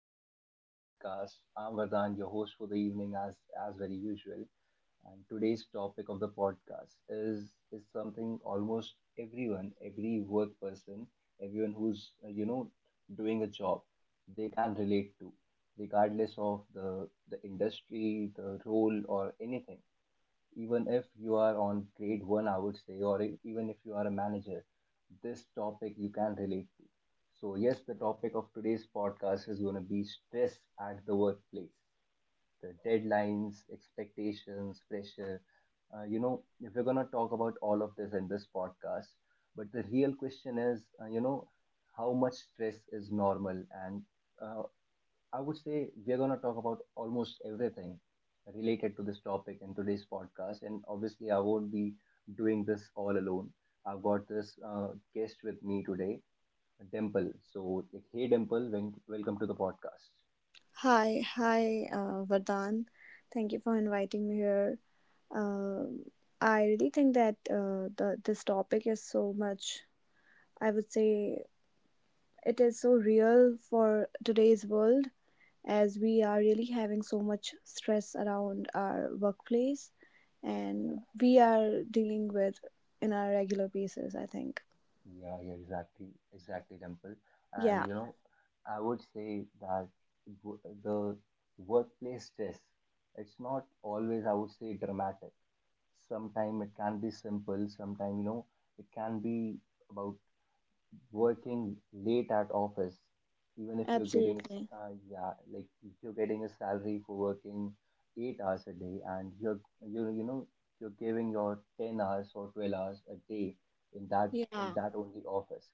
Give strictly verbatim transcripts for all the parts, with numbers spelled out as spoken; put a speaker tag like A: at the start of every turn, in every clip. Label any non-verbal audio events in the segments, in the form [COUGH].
A: welcome back to the podcast. I'm Vardhan, your host for the evening, as as very usual. And today's topic of the podcast is is something almost everyone, every work person, everyone who's uh, you know doing a job, they can relate to, regardless of the the industry, the role, or anything, even if you are on grade one, I would say, or e- even if you are a manager, this topic you can relate to. So, yes, the topic of today's podcast is going to be stress at the workplace, the deadlines, expectations, pressure. Uh, you know, if we're going to talk about all of this in this podcast, but the real question is, uh, you know, how much stress is normal, and uh, I would say we're going to talk about almost everything related to this topic in today's podcast. And obviously, I won't be doing this all alone. I've got this uh, guest with me today, Dimple. So, hey, Dimple, wel- welcome to the podcast.
B: Hi, hi, uh, Vardhan. Thank you for inviting me here. Um, I really think that uh, the this topic is so much. I would say it is so real for today's world as we are really having so much stress around our workplace,
A: Yeah,
B: and we are dealing with in our regular basis. I think.
A: yeah, yeah, exactly, exactly, Dimple. And
B: Yeah,
A: you know, I would say that w- the workplace stress, it's not always, I would say, dramatic. Sometimes it can be simple, sometimes, you know, it can be about working late at office, even if you're getting, a s-
B: absolutely.
A: uh, yeah, like if you're getting a salary for working eight hours a day, and you're, you you know, you're giving your ten hours or twelve hours a day in that, in
B: Yeah,
A: that only office,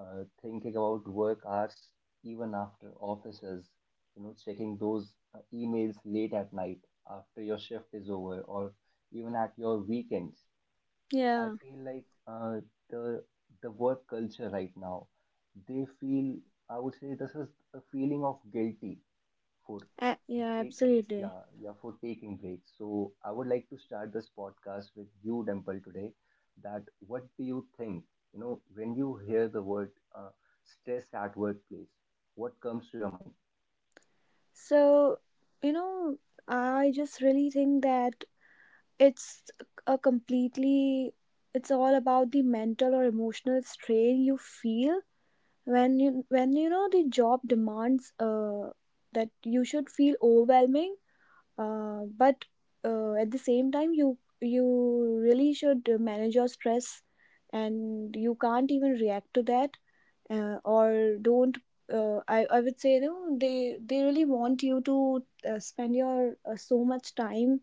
A: uh, thinking about work hours even after offices, you know, checking those uh, emails late at night after your shift is over, or even at your weekends. I
B: yeah,
A: feel like uh, the the work culture right now, they feel, I would say this is a feeling of guilty for
B: a- yeah,
A: take, uh,
B: absolutely.
A: yeah, yeah, for taking breaks. So I would like to start this podcast with you, Dimple, today. That what do you think? You know, when you hear the word uh, stress at workplace, what comes to your mind?
B: So, you know, I just really think that it's a completely it's all about the mental or emotional strain you feel when you when you know the job demands uh that you should feel overwhelming, uh but uh, at the same time you you really should manage your stress and you can't even react to that, uh, or don't uh, I, I would say, you know, they they really want you to uh, spend your uh, so much time,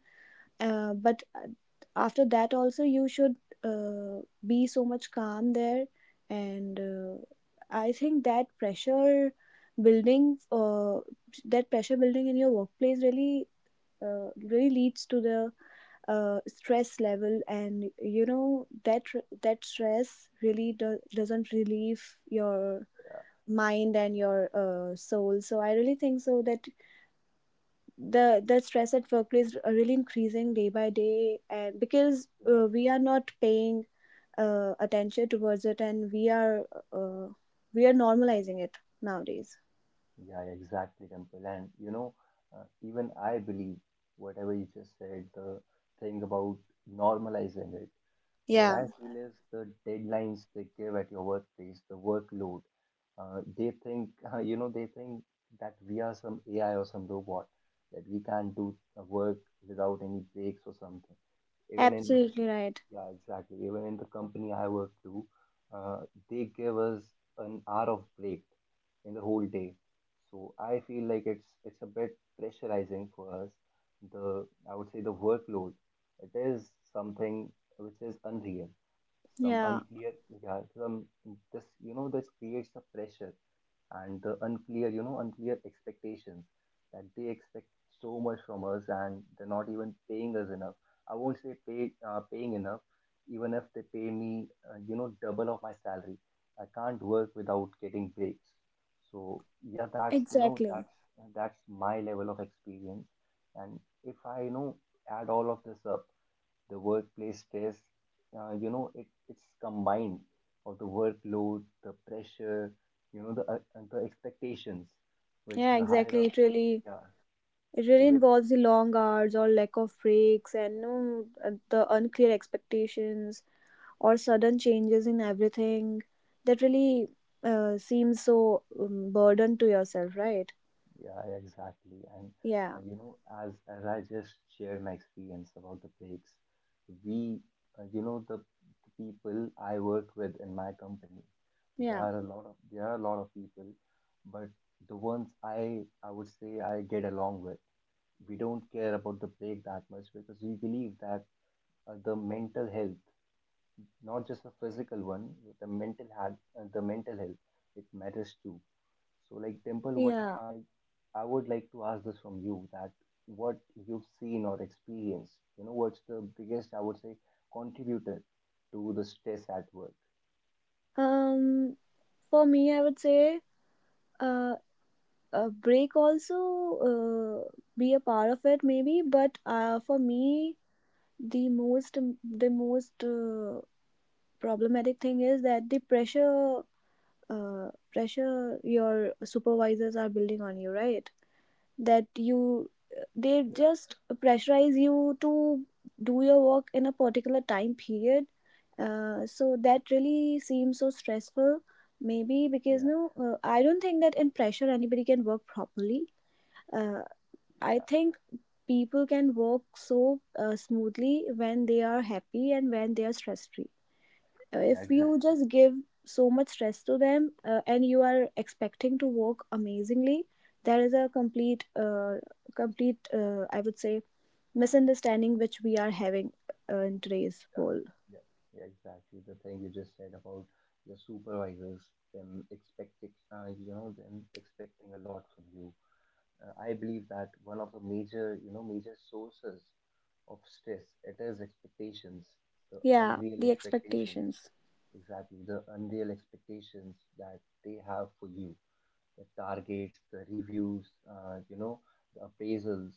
B: uh, but uh, after that also you should uh, be so much calm there, and uh, I think that pressure building uh, that pressure building in your workplace really, uh, really leads to the uh, stress level. And you know that that stress really do- doesn't relieve your mind and your uh, soul. So I really think so that the the stress at workplace are really increasing day by day, and because uh, we are not paying uh, attention towards it, and we are, uh, we are normalizing it nowadays.
A: Yeah, exactly, Dimple. And you know, uh, even I believe whatever you just said, the thing about normalizing it. What
B: Yeah,
A: I feel is the deadlines they give at your workplace, the workload. Uh, they think, [LAUGHS] you know, they think that we are some A I or some robot, that we can't do the work without any breaks or something. Even in the,
B: absolutely right.
A: yeah, exactly. Even in the company I work to, uh, they give us an hour of break in the whole day. So I feel like it's it's a bit pressurizing for us. The, I would say, the workload, it is something which is unreal. Some
B: Yeah,
A: unclear, yeah, some, this, you know, this creates a pressure, and the unclear, you know, unclear expectations, that they expect so much from us, and they're not even paying us enough. I won't say pay, uh, paying enough, even if they pay me, uh, you know, double of my salary. I can't work without getting breaks. So yeah, that's, you know,
B: exactly.
A: that's that's my level of experience. And if I, you know, add all of this up, the workplace stress, uh, you know, it it's combined of the workload, the pressure, you know, the uh, and the expectations, which
B: Yeah,
A: are higher
B: exactly,
A: up,
B: it really,
A: yeah.
B: it really involves the long hours or lack of breaks and no, uh, the unclear expectations or sudden changes in everything that really uh, seems so um, burden to yourself, right?
A: Yeah, exactly. And
B: Yeah.
A: uh, you know, as as I just shared my experience about the breaks, we, uh, you know, the, the people I work with in my company, there
B: Yeah.
A: are a lot of, there are a lot of people, but the ones I I would say I get along with, we don't care about the break that much, because we believe that uh, the mental health, not just the physical one, the mental health, uh, the mental health, it matters too. So, like Dimple, what
B: yeah
A: I I would like to ask this from you, that what you've seen or experienced, you know, what's the biggest, I would say, contributor to the stress at work?
B: um for me, I would say uh, a break also uh, be a part of it maybe, but uh, for me the most, the most uh, problematic thing is that the pressure uh, pressure your supervisors are building on you, right? That you, they
A: Yeah,
B: just pressurize you to do your work in a particular time period, uh, so that really seems so stressful. Maybe because
A: yeah,
B: no, uh, I don't think that in pressure anybody can work properly. Uh, i
A: yeah,
B: think people can work so uh, smoothly when they are happy and when they are stress free.
A: yeah,
B: If you
A: exactly.
B: just give so much stress to them, uh, and you are expecting to work amazingly, there is a complete uh, complete, uh, I would say, misunderstanding which we are having uh, in today's world.
A: Yeah, yeah, yeah, exactly. The thing you just said about your supervisors, them expecting, uh, you know, them expecting a lot from you. Uh, I believe that one of the major, you know, major sources of stress. It is expectations, the
B: Yeah,
A: unreal
B: the
A: expectations,
B: expectations.
A: exactly, the unreal expectations that they have for you, the targets, the reviews, uh, you know, the appraisals.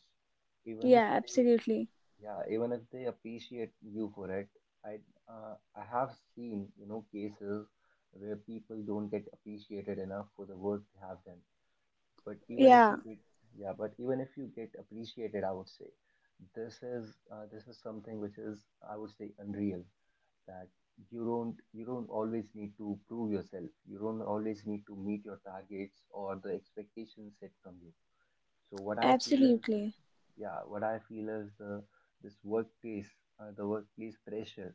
A: Even if
B: Yeah,
A: they,
B: absolutely.
A: yeah, even if they appreciate you for it, I, uh, I have seen, you know, cases where people don't get appreciated enough for the work they have done, but even if
B: Yeah,
A: you get, yeah, but even if you get appreciated, I would say this is uh, this is something which is, I would say, unreal, that you don't you don't always need to prove yourself, you don't always need to meet your targets or the expectations set from you. So what I feel is,
B: absolutely.
A: yeah, what I feel is the, this workplace, uh, the workplace pressure,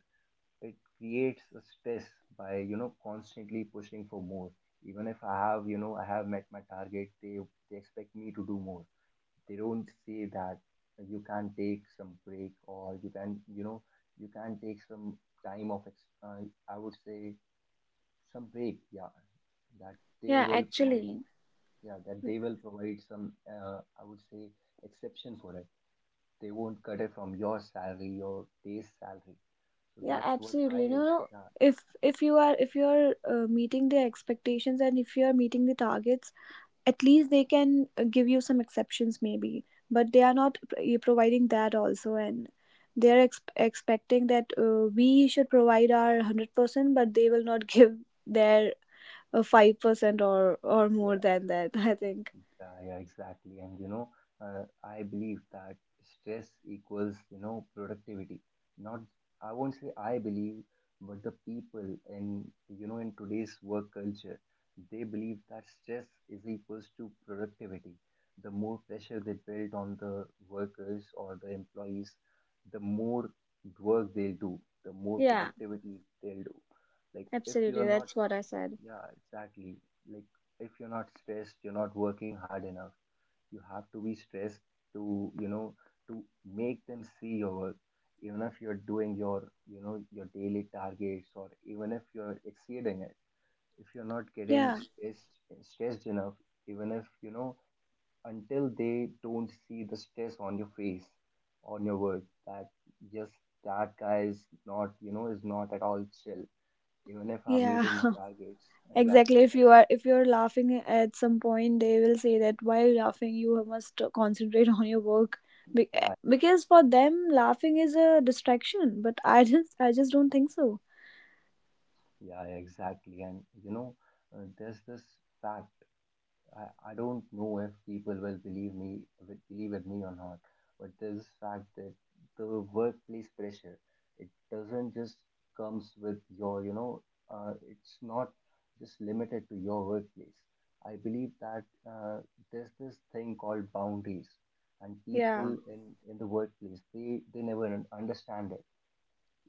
A: it creates a stress by, you know, constantly pushing for more. Even if I have, you know, I have met my target, they they expect me to do more. They don't say that you can take some break, or you can, you know, you can take some time of ex- uh, I would say some break, yeah, that they
B: Yeah,
A: will provide,
B: actually.
A: yeah, that they will provide some, uh, I would say exception for it. They won't cut it from your salary, your day's salary. So
B: Yeah,
A: that's what I,
B: absolutely. No, no,
A: yeah,
B: if if you are if you are, uh, meeting the expectations and if you are meeting the targets, at least they can uh, give you some exceptions maybe, but they are not, p- eh, providing that also, and they are, ex- expecting that uh, we should provide our one hundred percent, but they will not [LAUGHS] give their uh, five percent or or more
A: yeah.
B: than that, [LAUGHS] I think.
A: Yeah, yeah, exactly. And you know, uh, I believe that stress equals, you know, productivity. Not, I won't say I believe, but the people in, you know, in today's work culture, they believe that stress is equals to productivity. The more pressure they build on the workers or the employees, the more work they'll do, the more
B: Yeah,
A: productivity they'll do. Like if you're
B: absolutely.
A: not,
B: That's what I said.
A: yeah, exactly. Like if you're not stressed, you're not working hard enough. You have to be stressed to, you know, to make them see your work, even if you're doing your, you know, your daily targets, or even if you're exceeding it. If you're not getting
B: Yeah,
A: stressed, stressed enough, even if you know, until they don't see the stress on your face, on your work, that just that guy is not, you know, is not at all chill, even if I'm
B: yeah.
A: meeting my targets, yeah,
B: Exactly.
A: even
B: If
A: if,
B: you are if you're laughing at some point, they will say that, "While laughing? You must concentrate on your work." Be-
A: yeah.
B: because for them, laughing is a distraction. But I just, I just don't think so.
A: Yeah, exactly. And you know, uh, there's this fact. I, I don't know if people will believe me, will believe with me or not, but there's this fact that the workplace pressure, it doesn't just comes with your, you know, uh, it's not just limited to your workplace. I believe that uh, there's this thing called boundaries, and
B: Yeah,
A: people in in the workplace, they they never un- understand it,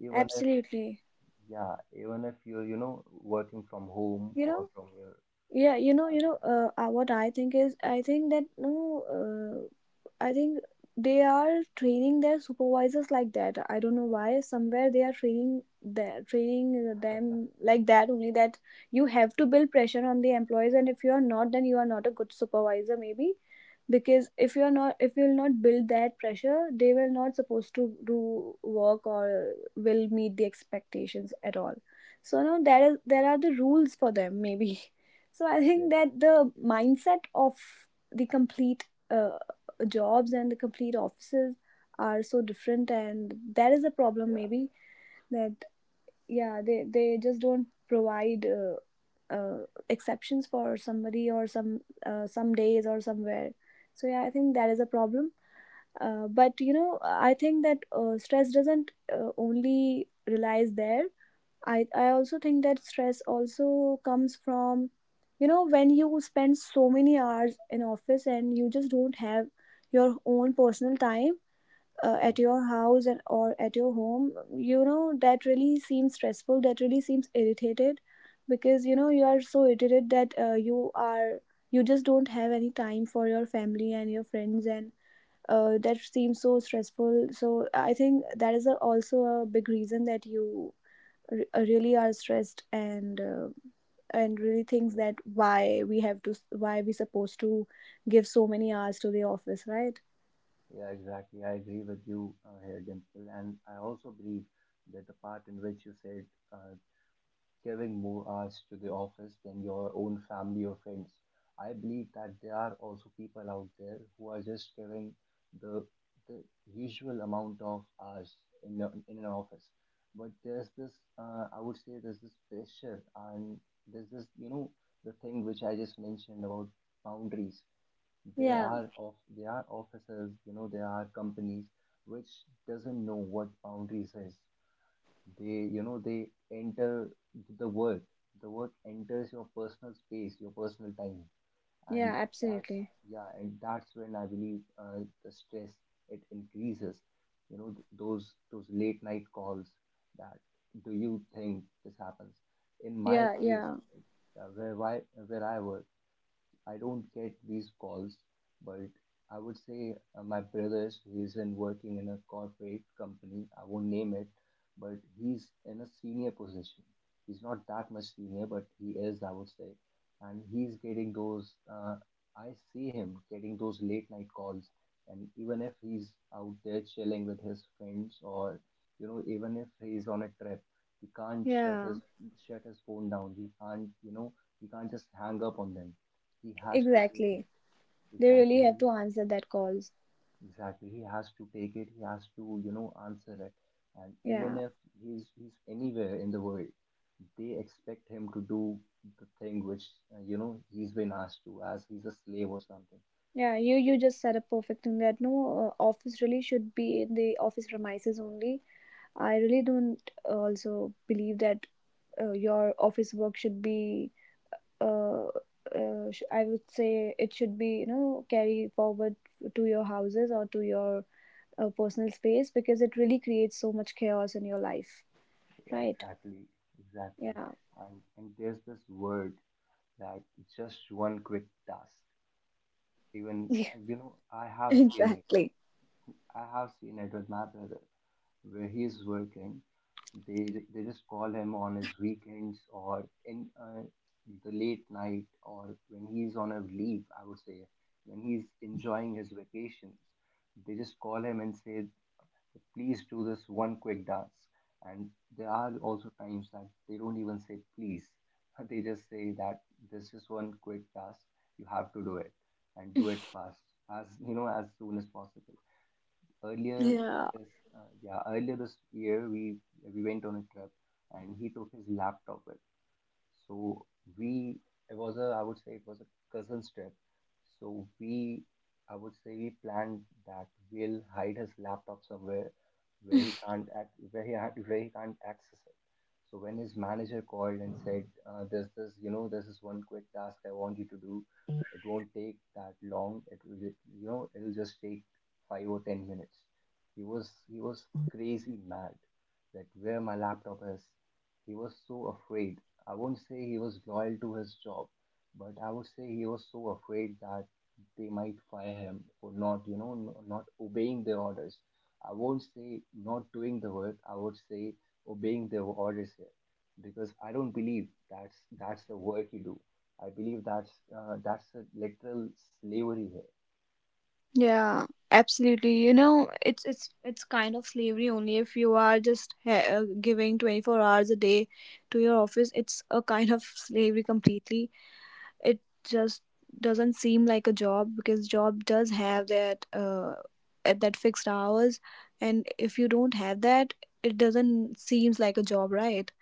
A: even if,
B: absolutely.
A: yeah, even if you're, you know, working from home
B: You
A: or
B: know,
A: from your,
B: yeah, you know
A: yeah,
B: you know, uh, uh, what I think is, I think that no, uh, i think they are training their supervisors like that. I don't know why, somewhere they are training their, training them like that only, that you have to build pressure on the employees, and if you are not, then you are not a good supervisor maybe, because if you're not if you'll not build that pressure, they will not supposed to do work or will meet the expectations at all. So now, that is, there are the rules for them maybe. [LAUGHS] So I
A: yeah,
B: think that the mindset of the complete uh, jobs and the complete offices are so different, and that is a problem maybe. That, yeah, they they just don't provide uh, uh, exceptions for somebody or some uh, some days or somewhere. So yeah, I think that is a problem. Uh, but you know, I think that uh, stress doesn't uh, only relies there. I i also think that stress also comes from, you know, when you spend so many hours in office and you just don't have your own personal time uh,
A: yeah, yeah,
B: at your
A: exactly.
B: house, and, or at your home. You know, that really seems stressful, that really seems irritated, because you know, you are so irritated that uh, you are, you just don't have any time for your family and your friends, and uh, that seems so stressful. So I think that is a, also a big reason that you, re- uh, really are stressed, and uh, and really thinks
A: Yeah,
B: that why we have to, why we supposed to give so many hours to the office, right?
A: yeah, exactly. I agree with you uh, here, Dimple. And I also believe that the part in which you said, uh, giving more hours to the office than your own family or friends. I believe that there are also people out there who are just giving the the usual amount of hours in a, in an office, but there's this uh, I would say there's this pressure, and there's this, you know, the thing which I just mentioned about boundaries. There
B: Yeah.
A: are of, there are offices, you know, there are companies which doesn't know what boundaries is. They, you know, they enter the work, the work enters your personal space, your personal time, and
B: Yeah,
A: that's,
B: absolutely.
A: yeah, and that's when I believe uh, the stress, it increases. You know, th- those those late night calls, that, do you think this happens in my
B: Yeah,
A: place,
B: yeah,
A: uh, where I, where I work? I don't get these calls, but I would say uh, my brother's, he's in working in a corporate company. I won't name it, but he's in a senior position. He's not that much senior, but he is, I would say, and he's getting those. Uh, I see him getting those late night calls, and even if he's out there chilling with his friends, or you know, even if he's on a trip, he can't shut
B: yeah.
A: his shut his phone down. He can't, you know, he can't just hang up on them. He has to take it.
B: Exactly. They really have
A: Exactly,
B: to answer that calls.
A: exactly, he has to take it, he has to, you know answer it. And even
B: Yeah,
A: if he's he's anywhere in the world, they expect him to do the thing which, uh, you know he's been asked to, as he's a slave or something.
B: yeah. You you just said a perfect thing that no, uh, office really should be in the office premises only. I really don't uh, also believe that uh, your office work should be. Uh, uh, sh- I would say it should be, you know, carry forward to your houses or to your uh, personal space, because it really creates so much chaos in your life.
A: Yeah,
B: Right?
A: exactly, exactly.
B: Yeah.
A: And and there's this word that, just one quick task.
B: [LAUGHS]
A: Even,
B: Yeah.
A: uh, you know i have seen it
B: Exactly.
A: i have seen it with my brother, where he is working. They ju- they just call him on his weekends or in, uh, the late night, or when he's on a leave. I would say when he's enjoying his vacations, they just call him and say, "Please do this one quick dance." And there are also times that they don't even say please. [LAUGHS] They just say that this is one quick task. You have to do it and do it fast, as you know, as soon as possible. Earlier
B: Yeah.
A: this uh, Yeah, earlier this year we we went on a trip and he took his laptop. So we it was a, I would say, it was a cousin's trip. So we I would say we planned that we'll hide his laptop somewhere where he can't act where he ha- where he can't access it. So when his manager called and said, uh, "There's this, you know this is one quick task I want you to do. It won't take that long. It will ju- you know It'll just take five or ten minutes." He was he was crazy mad that where my laptop is. He was so afraid. I won't say he was loyal to his job, but I would say he was so afraid that they might fire him for not, you know, no- not obeying their orders. I won't say not doing the work. I would say obeying their orders here, because I don't believe that's that's the work you do. I believe that's, uh, that's a literal slavery here.
B: Yeah, absolutely. You know, it's it's it's kind of slavery only if you are just, ha- uh, giving twenty-four hours a day to your office. It's a kind of slavery completely. It just doesn't seem like a job, because job does have that uh at that fixed hours, and if you don't have that, it doesn't seems like a job, right?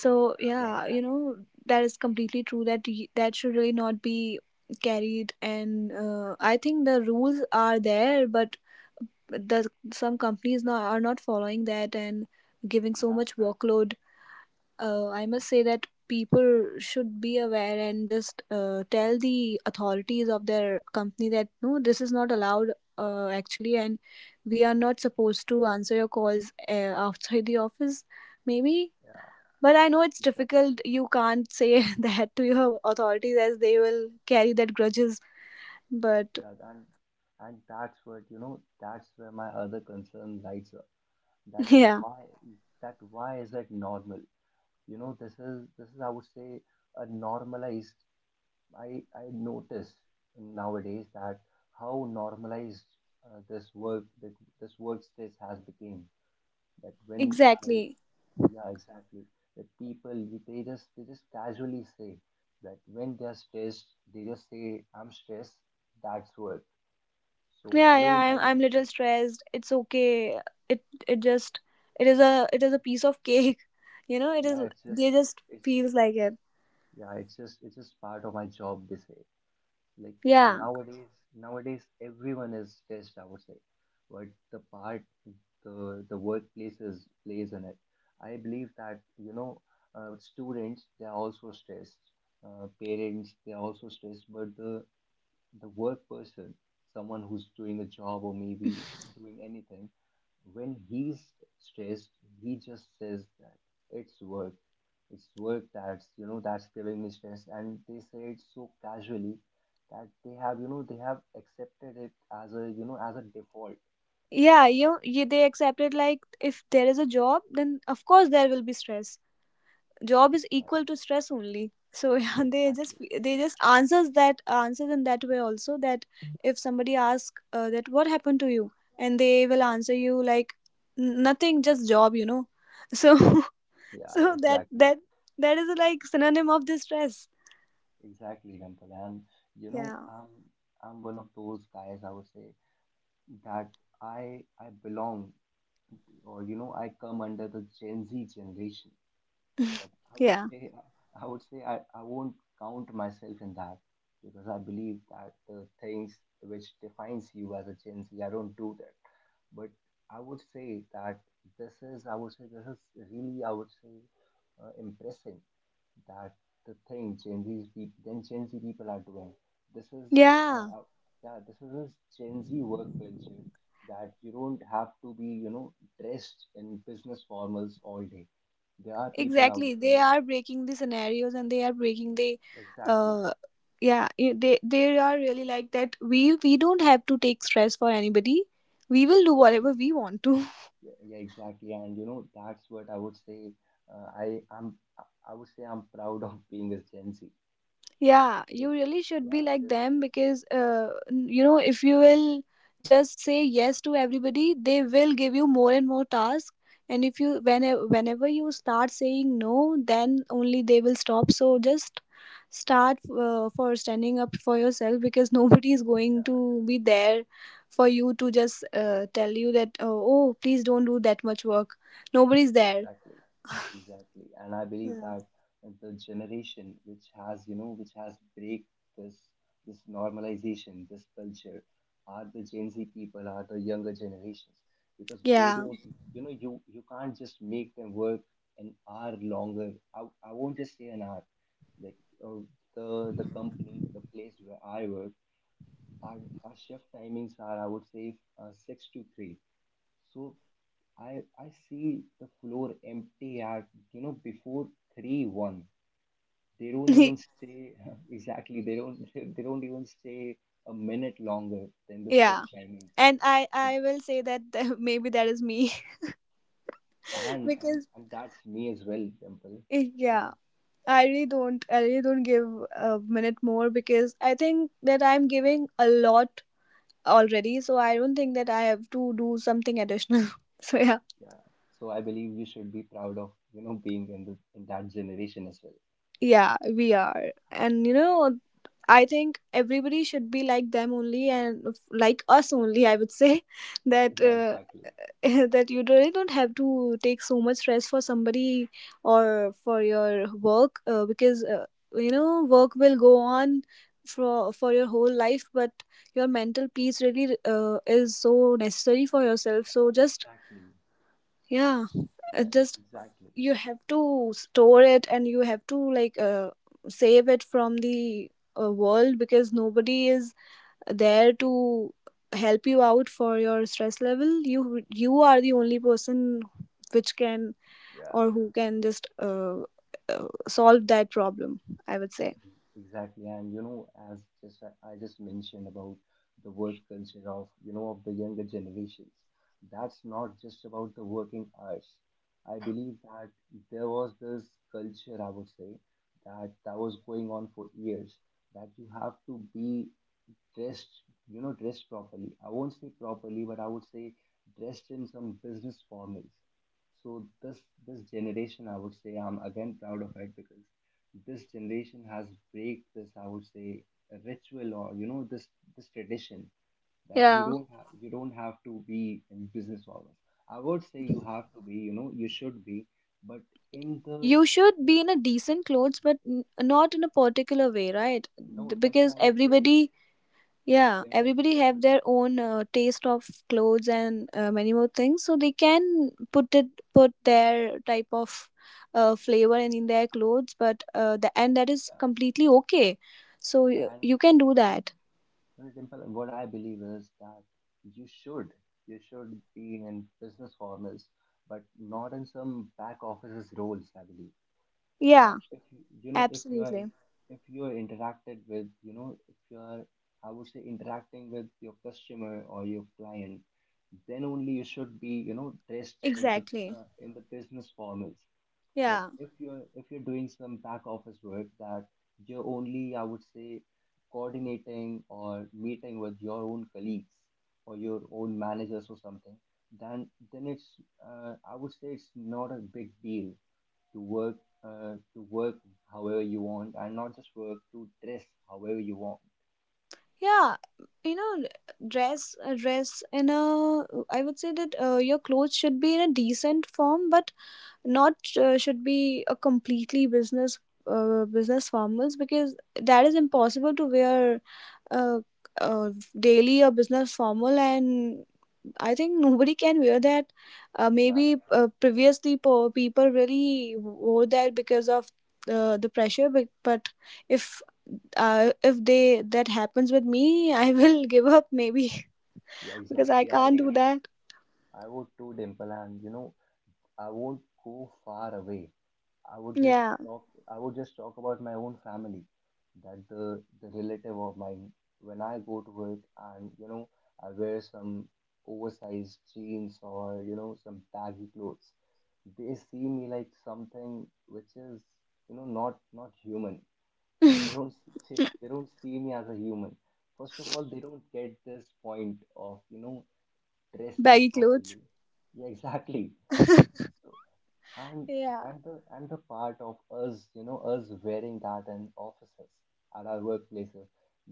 A: Yeah,
B: yeah,
A: exactly.
B: you know, that is completely true, that y- that should really not be carried. And uh, i think the rules are there, but the, some companies now are not following that and giving so
A: That's
B: much workload. Uh, i must say that people should be aware, and just uh, tell the authorities of their company that no, this is not allowed, uh, actually, and we are not supposed to answer your calls uh, outside the office maybe.
A: Yeah,
B: But I know it's
A: exactly.
B: difficult. You can't say [LAUGHS] that to your authorities, as they will carry that grudges. But
A: Yeah, and and that's what you know. That's where my other concern lies. That
B: [LAUGHS] yeah,
A: why that Why is it normal? you know this is this is, I would say, a normalized... i i notice nowadays that how normalized, uh, this work, that this workspace has become. That when I
B: exactly.
A: Yeah, exactly, that people, you- they just they just casually say that when they're stressed, they just say, "I'm stressed. That's work." so i
B: Yeah, yeah.
A: don't I
B: I'm
A: don't
B: I'm little stressed. It's okay. It it just, it is a it is a piece of cake. [LAUGHS] You know, it
A: Yeah,
B: is.
A: it's just
B: They just
A: it's
B: feels like it.
A: yeah, it's just it's just part of my job, they say. Like,
B: Yeah,
A: nowadays nowadays everyone is stressed, I would say. But the part the the workplaces plays in it. I believe that, you know, uh, students, they are also stressed. Uh, parents, they are also stressed, but the the work person, someone who's doing a job or maybe doing anything, when he's stressed, he just says that it's work it's work, that's you know that's giving me stress. And they say it so casually that they have, you know they have accepted it as a, you know as a default.
B: yeah. You, you they accept it like if there is a job, then of course there will be stress. Job is
A: Yeah,
B: equal to stress only. So [LAUGHS] yeah, they just,
A: exactly.
B: they just answers that answers in that way also, that if somebody asks uh, that what happened to you, and they will answer you like, "N- Nothing, just job, you know." So [LAUGHS]
A: Yeah,
B: so that
A: exactly,
B: that that is like synonym of the stress.
A: exactly, Dimple. And you know,
B: Yeah,
A: I'm I'm one of those guys. I would say that I I belong, or you know, I come under the Gen Z generation. But I would
B: yeah.
A: say I would say I, I won't count myself in that, because I believe that the things which defines you as a Gen Z, I don't do that. But I would say that this is, I would say, this is really, I would say, uh, impressive. That the thing Gen Z people, then Gen Z people are doing this is, uh,
B: Yeah,
A: uh, yeah, this is this Gen Z work culture, that you don't have to be, you know dressed in business formals all day. There are people out
B: exactly, they
A: there.
B: are breaking the scenarios, and they are breaking the
A: Exactly,
B: uh yeah, i- they they are really like that, we we don't have to take stress for anybody, we will do
A: exactly,
B: whatever we want to.
A: yeah, yeah, exactly. And you know that's what I would say. Uh, I am I I would say I'm proud of being a Gen Z,
B: Yeah, you
A: because
B: really should
A: yeah,
B: be like
A: this
B: them, because, uh, n- you know, if you will just say yes to everybody, they will give you more and more tasks. And if you, whenever, whenever you start saying no, then only they will stop. So just start, uh, for standing up for yourself, because [LAUGHS] nobody is going
A: Yeah,
B: to be there for you to just uh, tell you that, oh, oh, please don't do that much work. Nobody's there.
A: exactly, exactly. And I believe
B: Yeah.
A: that the generation which has, you know, which has break this, this normalization, this culture, are the Gen Z people, are the younger generations, because they
B: Yeah.
A: don't, you know, you you can't just make them work an hour longer. I, I won't just say an hour. Like, uh, the the company, the place where I work, our our shift timings are, I would say, uh, six to three. So I I see the floor empty at, you know before three one. They don't even stay. [LAUGHS] Exactly. They don't. [LAUGHS] They don't even stay a minute longer than
B: [LAUGHS]
A: the
B: Yeah.
A: shift timings.
B: and i i will say that [LAUGHS] maybe that is me.
A: Yeah,
B: [LAUGHS]
A: and, and
B: because
A: and that's me as well, Temple.
B: eh, yeah i really don't i really don't give a minute more because I think that I'm giving a lot already, so I don't think that I have to do something additional. [LAUGHS] So yeah,
A: Yeah. So I believe you should be proud of, you know being in the in that generation as well.
B: yeah we are, and you know, I think everybody should be like them only and f- like us only, I would say, [LAUGHS] that
A: Yeah,
B: uh,
A: exactly.
B: [LAUGHS] that you really don't have to take so much stress for somebody or for your work, uh, because uh, you know, work will go on for for your whole life, but your mental peace really uh, is so necessary for yourself, so just
A: Exactly.
B: yeah, uh,
A: Yeah, e-
B: just
A: exactly.
B: you have to store it, and you have to like uh, save it from the uh, world, because nobody is there to help you out for your stress level. You you are the only person which can
A: Yeah.
B: or who can just uh, uh, solve that problem, I would say.
A: Exactly. And you know, as just I just mentioned about the work culture of, you know of the younger generations, that's not just about the working hours. I believe that there was this culture, I would say, that that was going on for years, that you have to be dressed, you know, dressed properly. I won't say properly, but I would say dressed in some business formals. So this, this generation, I would say, I'm again proud of it, because this generation has break this, I would say, a ritual, or you know this this tradition, that you
B: Yeah,
A: don't have you don't have to be in business hours. I would say you have to be, you know, you should be, but in the...
B: you should be in a decent clothes, but n- not in a particular way, right?
A: No,
B: Th-
A: Temple,
B: because
A: I would say,
B: everybody, yeah,
A: Temple,
B: everybody have
A: Temple,
B: their own uh, taste of clothes and uh, many more things, so they can put it, put their type of uh, flavor in, in their clothes, but uh, the and that is
A: yeah,
B: completely okay. So you,
A: yeah, and,
B: you can do
A: you know,
B: that.
A: Well, Dimple, what I believe is that you should you should be in business formals, but not in some back offices roles. I believe that
B: Yeah,
A: if you you know if you are
B: absolutely,
A: if you are interacted with, you know if you are I would say, interacting with your customer or your client, then only you should be, you know dressed in the
B: exactly,
A: uh, in the business formals. But
B: yeah,
A: if you're if you're doing some back office work, that you're only, I would say, coordinating or meeting with your own colleagues or your own managers or something, then then it's, uh, I would say, it's not a big deal to work, uh, to work however you want, and not just work to dress however you want.
B: yeah. You know, dress, uh, dress in a, I would say that uh, your clothes should be in a decent form, but not uh, should be a completely business, uh, business formals, because that is impossible to wear, uh, uh, daily a business formal, and I think nobody can wear that. uh,
A: Yeah,
B: maybe uh, previously po- people really wore that because of uh, the pressure, but, but if, uh, if they, that happens with me, [LAUGHS] I will give up maybe.
A: yeah,
B: [LAUGHS] Because I
A: exactly. I
B: can't do
A: would
B: that.
A: I would too, Dimple. And, you know I won't go far away. I would just
B: Yeah.
A: talk. I would just talk about my own family, that the the relative of mine. When I go to work, and, you know I wear some oversized jeans, or, you know some baggy clothes, they see me like something which is, you know not not human. They
B: [LAUGHS]
A: don't s- they, they don't see me as a human. First of all, they don't get this point of, you know dressing
B: Baggy clothes.
A: properly. Yeah, [LAUGHS] exactly.
B: [LAUGHS]
A: So, and
B: Yeah,
A: and the and the part of us, you know us wearing that in offices at our workplaces,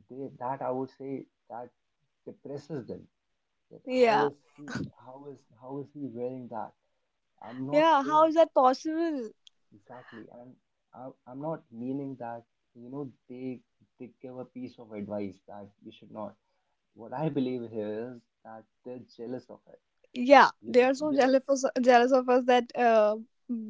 A: they that, I would say, that depresses them. That how
B: yeah.
A: is he how is how is he wearing that? I'm not
B: Yeah, how
A: saying.
B: is that possible?
A: Exactly. And I, i'm not meaning that, you know they they give a piece of advice that you should not. What I believe here is that they're jealous of it
B: Yeah,
A: you
B: they
A: know
B: are so
A: you know
B: jealous of, jealous of us that, uh,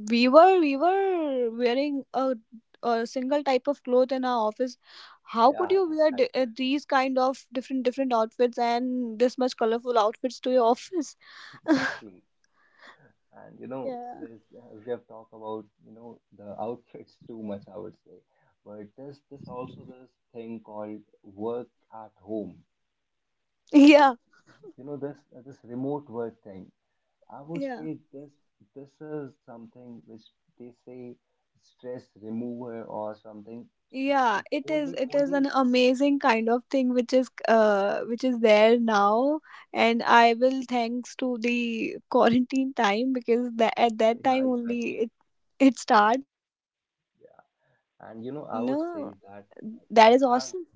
B: we were we were wearing a, a single type of cloth in our office. How could
A: yeah,
B: you wear di-
A: exactly,
B: uh, these kind of different different outfits and this much colorful outfits to your office?
A: exactly. And, you
B: [LAUGHS]
A: know,
B: Yeah,
A: there's uh, we have talked about, you know the outfits too much, I would say. But there's this, also, this thing called work at home.
B: yeah,
A: You know, this uh, this remote work thing, I would
B: yeah.
A: say, this this is something which they say stress remover or something.
B: Yeah, it is,
A: Only
B: it is
A: only,
B: an amazing kind of thing which is, uh, which is there now. And I will thanks to the [LAUGHS] quarantine time, because that, at that
A: yeah,
B: time only,
A: exactly,
B: it it starts.
A: yeah.
B: And
A: And, you know, I
B: uh,
A: would say that
B: that
A: it
B: is
A: has
B: awesome.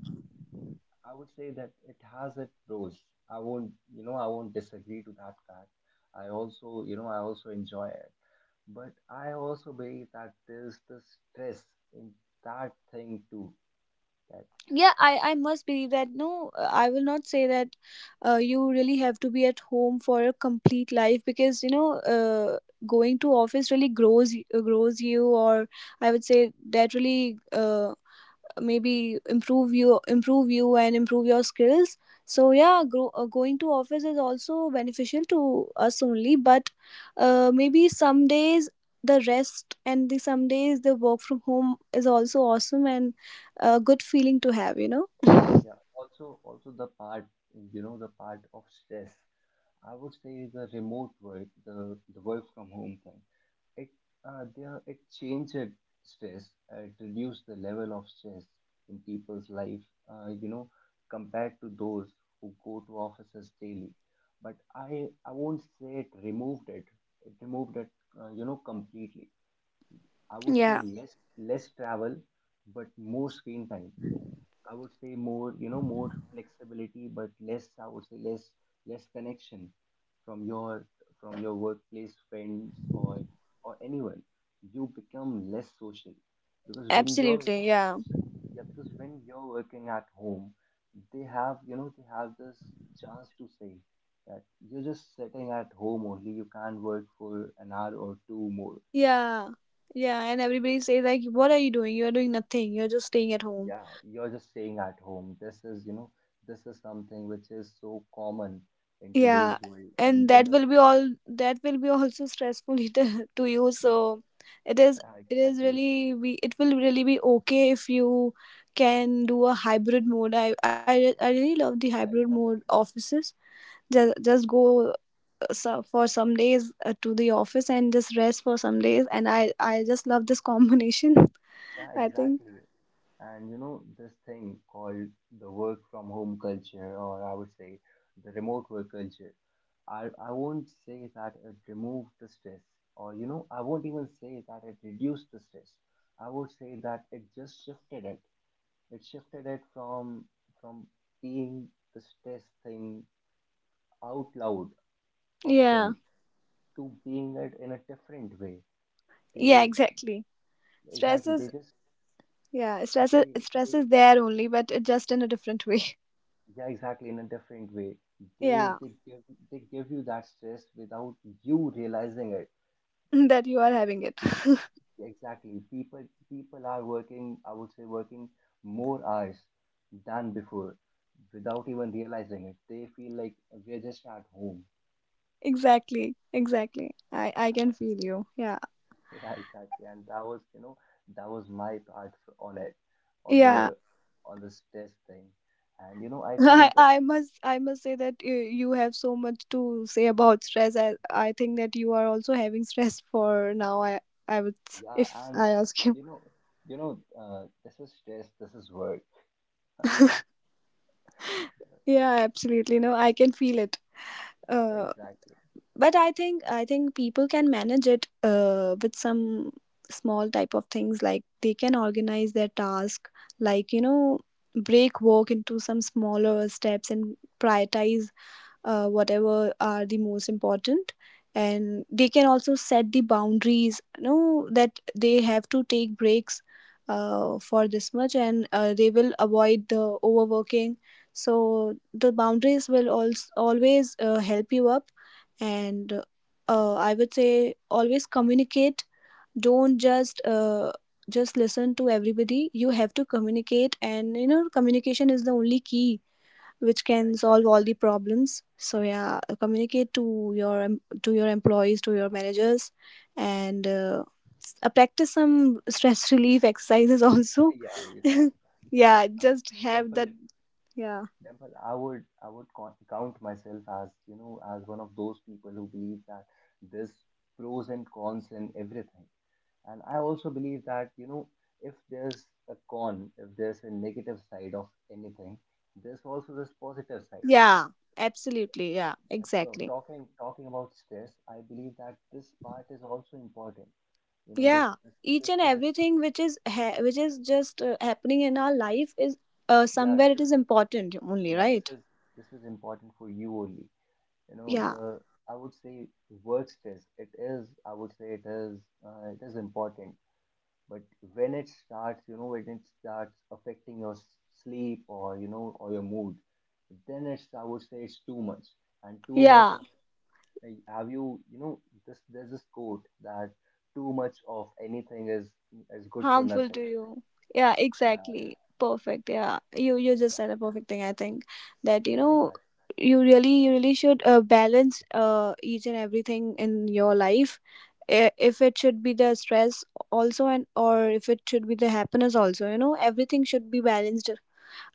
A: I would say that it has its pros. I won't, you know, I won't disagree to that fact. I also, you know, I also enjoy it. But I also believe that there's the stress in that thing too. That,
B: Yeah, i i must believe that no, uh, I will not say that, uh, you really have to be at home for a complete life, because you know, uh, going to office really grows y- uh, grows you, or I would say that really, uh, maybe improve you improve you and improve your skills. So yeah, grow, uh, going to office is also beneficial to us only, but
A: yeah,
B: uh, maybe some days the rest, and the some days the work from home is also awesome and a good feeling to have, you know.
A: yeah. Also, also the part, you know, the part of stress, I would say, the remote work, the the work from home thing. It uh, There, it changes stress, uh, it reduces the level of stress in people's life, uh, you know compared to those who go to offices daily. But i i won't say it removed it it removed it uh, you know completely. I would say
B: Yeah,
A: less, less travel, but more screen time. I would say more, you know, more flexibility, but less, I would say, less, less connection from your from your workplace friends, or or anyone. You become less social, because when you're...
B: absolutely, yeah,
A: Yeah, because when you're working at home, they have, you know, they have this chance to say that you're just sitting at home only. You can't work for an hour or two more.
B: yeah. Yeah, and everybody says like, what are you doing? You're doing nothing, you're just staying at home.
A: Yeah, you're just staying at home. This is, you know, this is something which is so common in
B: Yeah,
A: today's world, and
B: and
A: in
B: that
A: the
B: will be all, that will be also stressful [LAUGHS] to to you.
A: yeah,
B: So it is,
A: yeah,
B: it is
A: exactly,
B: really be, it will really be okay if you can do a hybrid mode. I I, re- I really love the hybrid
A: yeah,
B: mode
A: exactly,
B: offices. Just, just go, uh, so- for some days uh, to the office, and just rest for some days, and I I just love this combination.
A: yeah,
B: [LAUGHS] I think.
A: exactly. And, you know, this thing called the work from home culture, or I would say the remote work culture. I I won't say that it removed the stress, or you know, I won't even say that it reduced the stress. I would say that it just shifted it. It shifted it from, from being the stress thing out loud,
B: Yeah.
A: upfront, to being it in a different way.
B: Yeah,
A: They
B: exactly. Stress
A: exactly they
B: is,
A: just
B: yeah, stress is,
A: they
B: stress
A: they
B: is there only, but it just in a different way.
A: yeah, exactly, in a different way.
B: [LAUGHS]
A: They
B: Yeah.
A: they give they give you that stress without you realizing it.
B: [LAUGHS] That you are having it.
A: Exactly. People people are working, I would say working more hours than before without even realizing it. They feel like we're just at home.
B: Exactly, exactly, i i can feel you, yeah,
A: [LAUGHS] Yeah, exactly. And that was, you know, that was my part f- on it, on
B: yeah.
A: the on the stress thing. And you know, I
B: [LAUGHS] i
A: think the
B: i must i must say that you, you have so much to say about stress. I i think that you are also having stress for now. I i would s-
A: yeah,
B: if
A: and
B: I ask
A: and
B: you.
A: you know, you know, uh, this is stress, this is work.
B: [LAUGHS] Yeah, absolutely, no, I can feel it. Uh,
A: Exactly.
B: but i think i think people can manage it, uh, with some small type of things. Like they can organize their task, like you know, break work into some smaller steps and prioritize, uh, whatever are the most important. And they can also set the boundaries, you know, that they have to take breaks uh, for this much, and uh, they will avoid the overworking. So the boundaries will also always uh, help you up. And uh, I would say, always communicate, don't just uh, just listen to everybody. You have to communicate, and you know, communication is the only key which can solve all
A: Exactly. [LAUGHS]
B: the problems. So yeah, uh, communicate to your em- to your employees, to your managers. And uh, s- uh, practice some stress [LAUGHS] relief exercises also.
A: Yeah, you can.
B: [LAUGHS] Yeah,
A: And
B: just have that.
A: Dimple,
B: Yeah,
A: Dimple, I would I would co- count myself as, you know, as one of those people who believe that there's pros and cons in everything. And I also believe that, you know, if there's a con, if there's a negative side of anything, there's also this positive side.
B: yeah, absolutely, yeah,
A: Uh, so
B: exactly.
A: Talking talking about stress, I believe that this part is also important. You know, this
B: Yeah,
A: this
B: each
A: this
B: and
A: this is,
B: everything which is ha- which is just uh, happening in our life is, uh,
A: yeah
B: somewhere it
A: th-
B: is important only,
A: yeah this
B: right?
A: is this is important for you only. You know,
B: Yeah,
A: the I would say work stress. It is, I would say it is uh, it is important, but when it starts, you know, when it starts affecting your s- sleep, or you know, or your mood, then it's, I would say, it's too much. And too much
B: yeah,
A: of, like, have you, you know, this there's this quote that too much of anything is is good for
B: harmful to
A: nothing.
B: you. Yeah,
A: Yeah,
B: exactly, perfect. Yeah, you you just
A: yeah.
B: said a perfect thing, I think,
A: [LAUGHS]
B: that you
A: Yeah,
B: know,
A: exactly,
B: you really you really should uh, balance, uh, each and everything in your life. I- if it should be the stress also, and or if it should be the happiness also, you know, everything should be balanced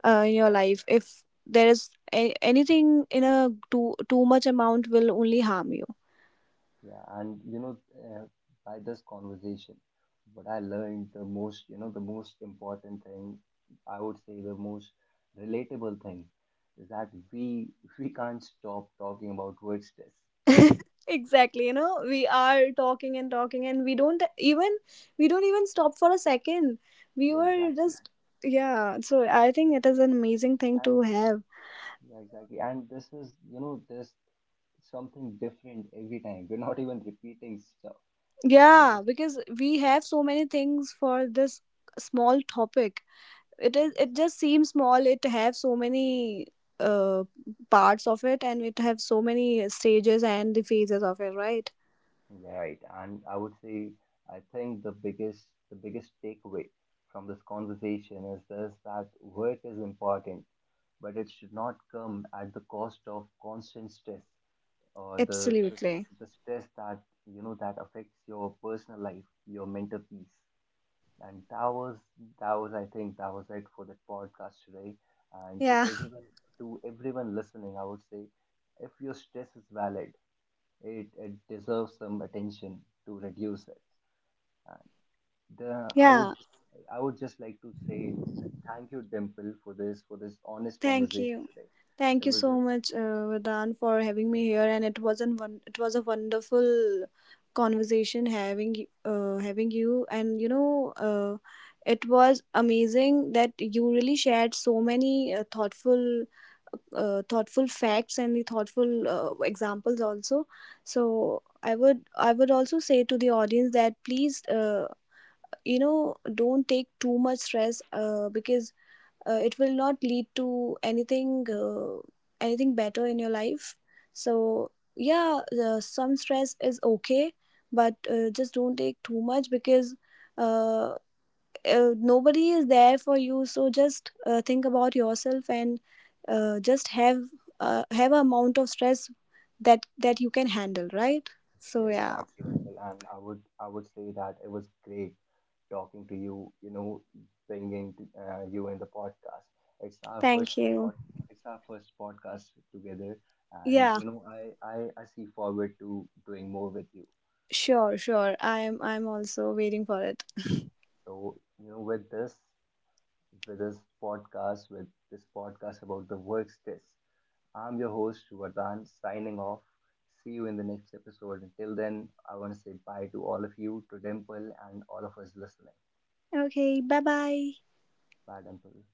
B: uh, in your
A: yeah.
B: life. If there is a- anything in a too too much amount, will only harm you.
A: Yeah, and you know, uh, by this conversation, what I learned the most, you know, the most important thing, I would say the most relatable thing, is that we we can't stop talking about word stress.
B: [LAUGHS] Exactly, you know, we are talking and talking, and we don't even, we don't even stop for a second. We
A: Yeah,
B: were
A: exactly.
B: just, yeah, so I think it is an amazing thing to
A: And
B: have.
A: yeah, exactly. And this is, you know, there's something different every time. We're not even repeating stuff. We
B: Yeah,
A: just—
B: because we have so many things for this small topic. It is, it just seems small. It have so many uh parts of it, and it have so many stages and the phases of it, right?
A: Yeah, right. And I would say, I think the biggest the biggest takeaway from this conversation is this, that work is important, but it should not come at the cost of constant stress, or the the,
B: Absolutely,
A: the stress that, you know, that affects your personal life, your mental peace. And that was that was I think that was it for the podcast today. And to
B: yeah,
A: everyone to everyone listening, I would say if your stress is valid, it, it deserves some attention to reduce it. And the, I
B: yeah.
A: would just I would just like to say thank you, Dimple, for this for this honest
B: Thank
A: conversation
B: you.
A: today.
B: Thank
A: It
B: you
A: was a—
B: so much, uh, Vedan, for having me here. And it wasn't one, it was a wonderful conversation having y- uh, having you. And you know, uh, it was amazing that you really shared so many uh, thoughtful, uh, thoughtful facts and the thoughtful uh, examples also. So I would I would also say to the audience that please, uh, you know, don't take too much stress, uh, because uh, it will not lead to anything, uh, anything better in your life. So yeah, the, some stress is okay, but uh, just don't take too much, because uh, uh, nobody is there for you, so just uh, think about yourself and uh, just have uh, have an amount of stress that, that you can handle, right?
A: yeah,
B: So yeah.
A: exactly, Dimple, and I would I would say that it was great talking to you. You know, bringing to, uh, you in the podcast. It's our
B: Thank
A: first
B: you.
A: pod, It's our first podcast together, and
B: Yeah,
A: you know, I, I I see forward to doing more with you.
B: sure, sure. I'm i'm also waiting for it.
A: So you know, with this with this podcast with this podcast about the work stress. I'm your host Vardhan signing off. See you in the next episode. Until then, I want to say bye to all of you, to Dimple and all of us listening.
B: Okay, bye bye.
A: Bye, Dimple.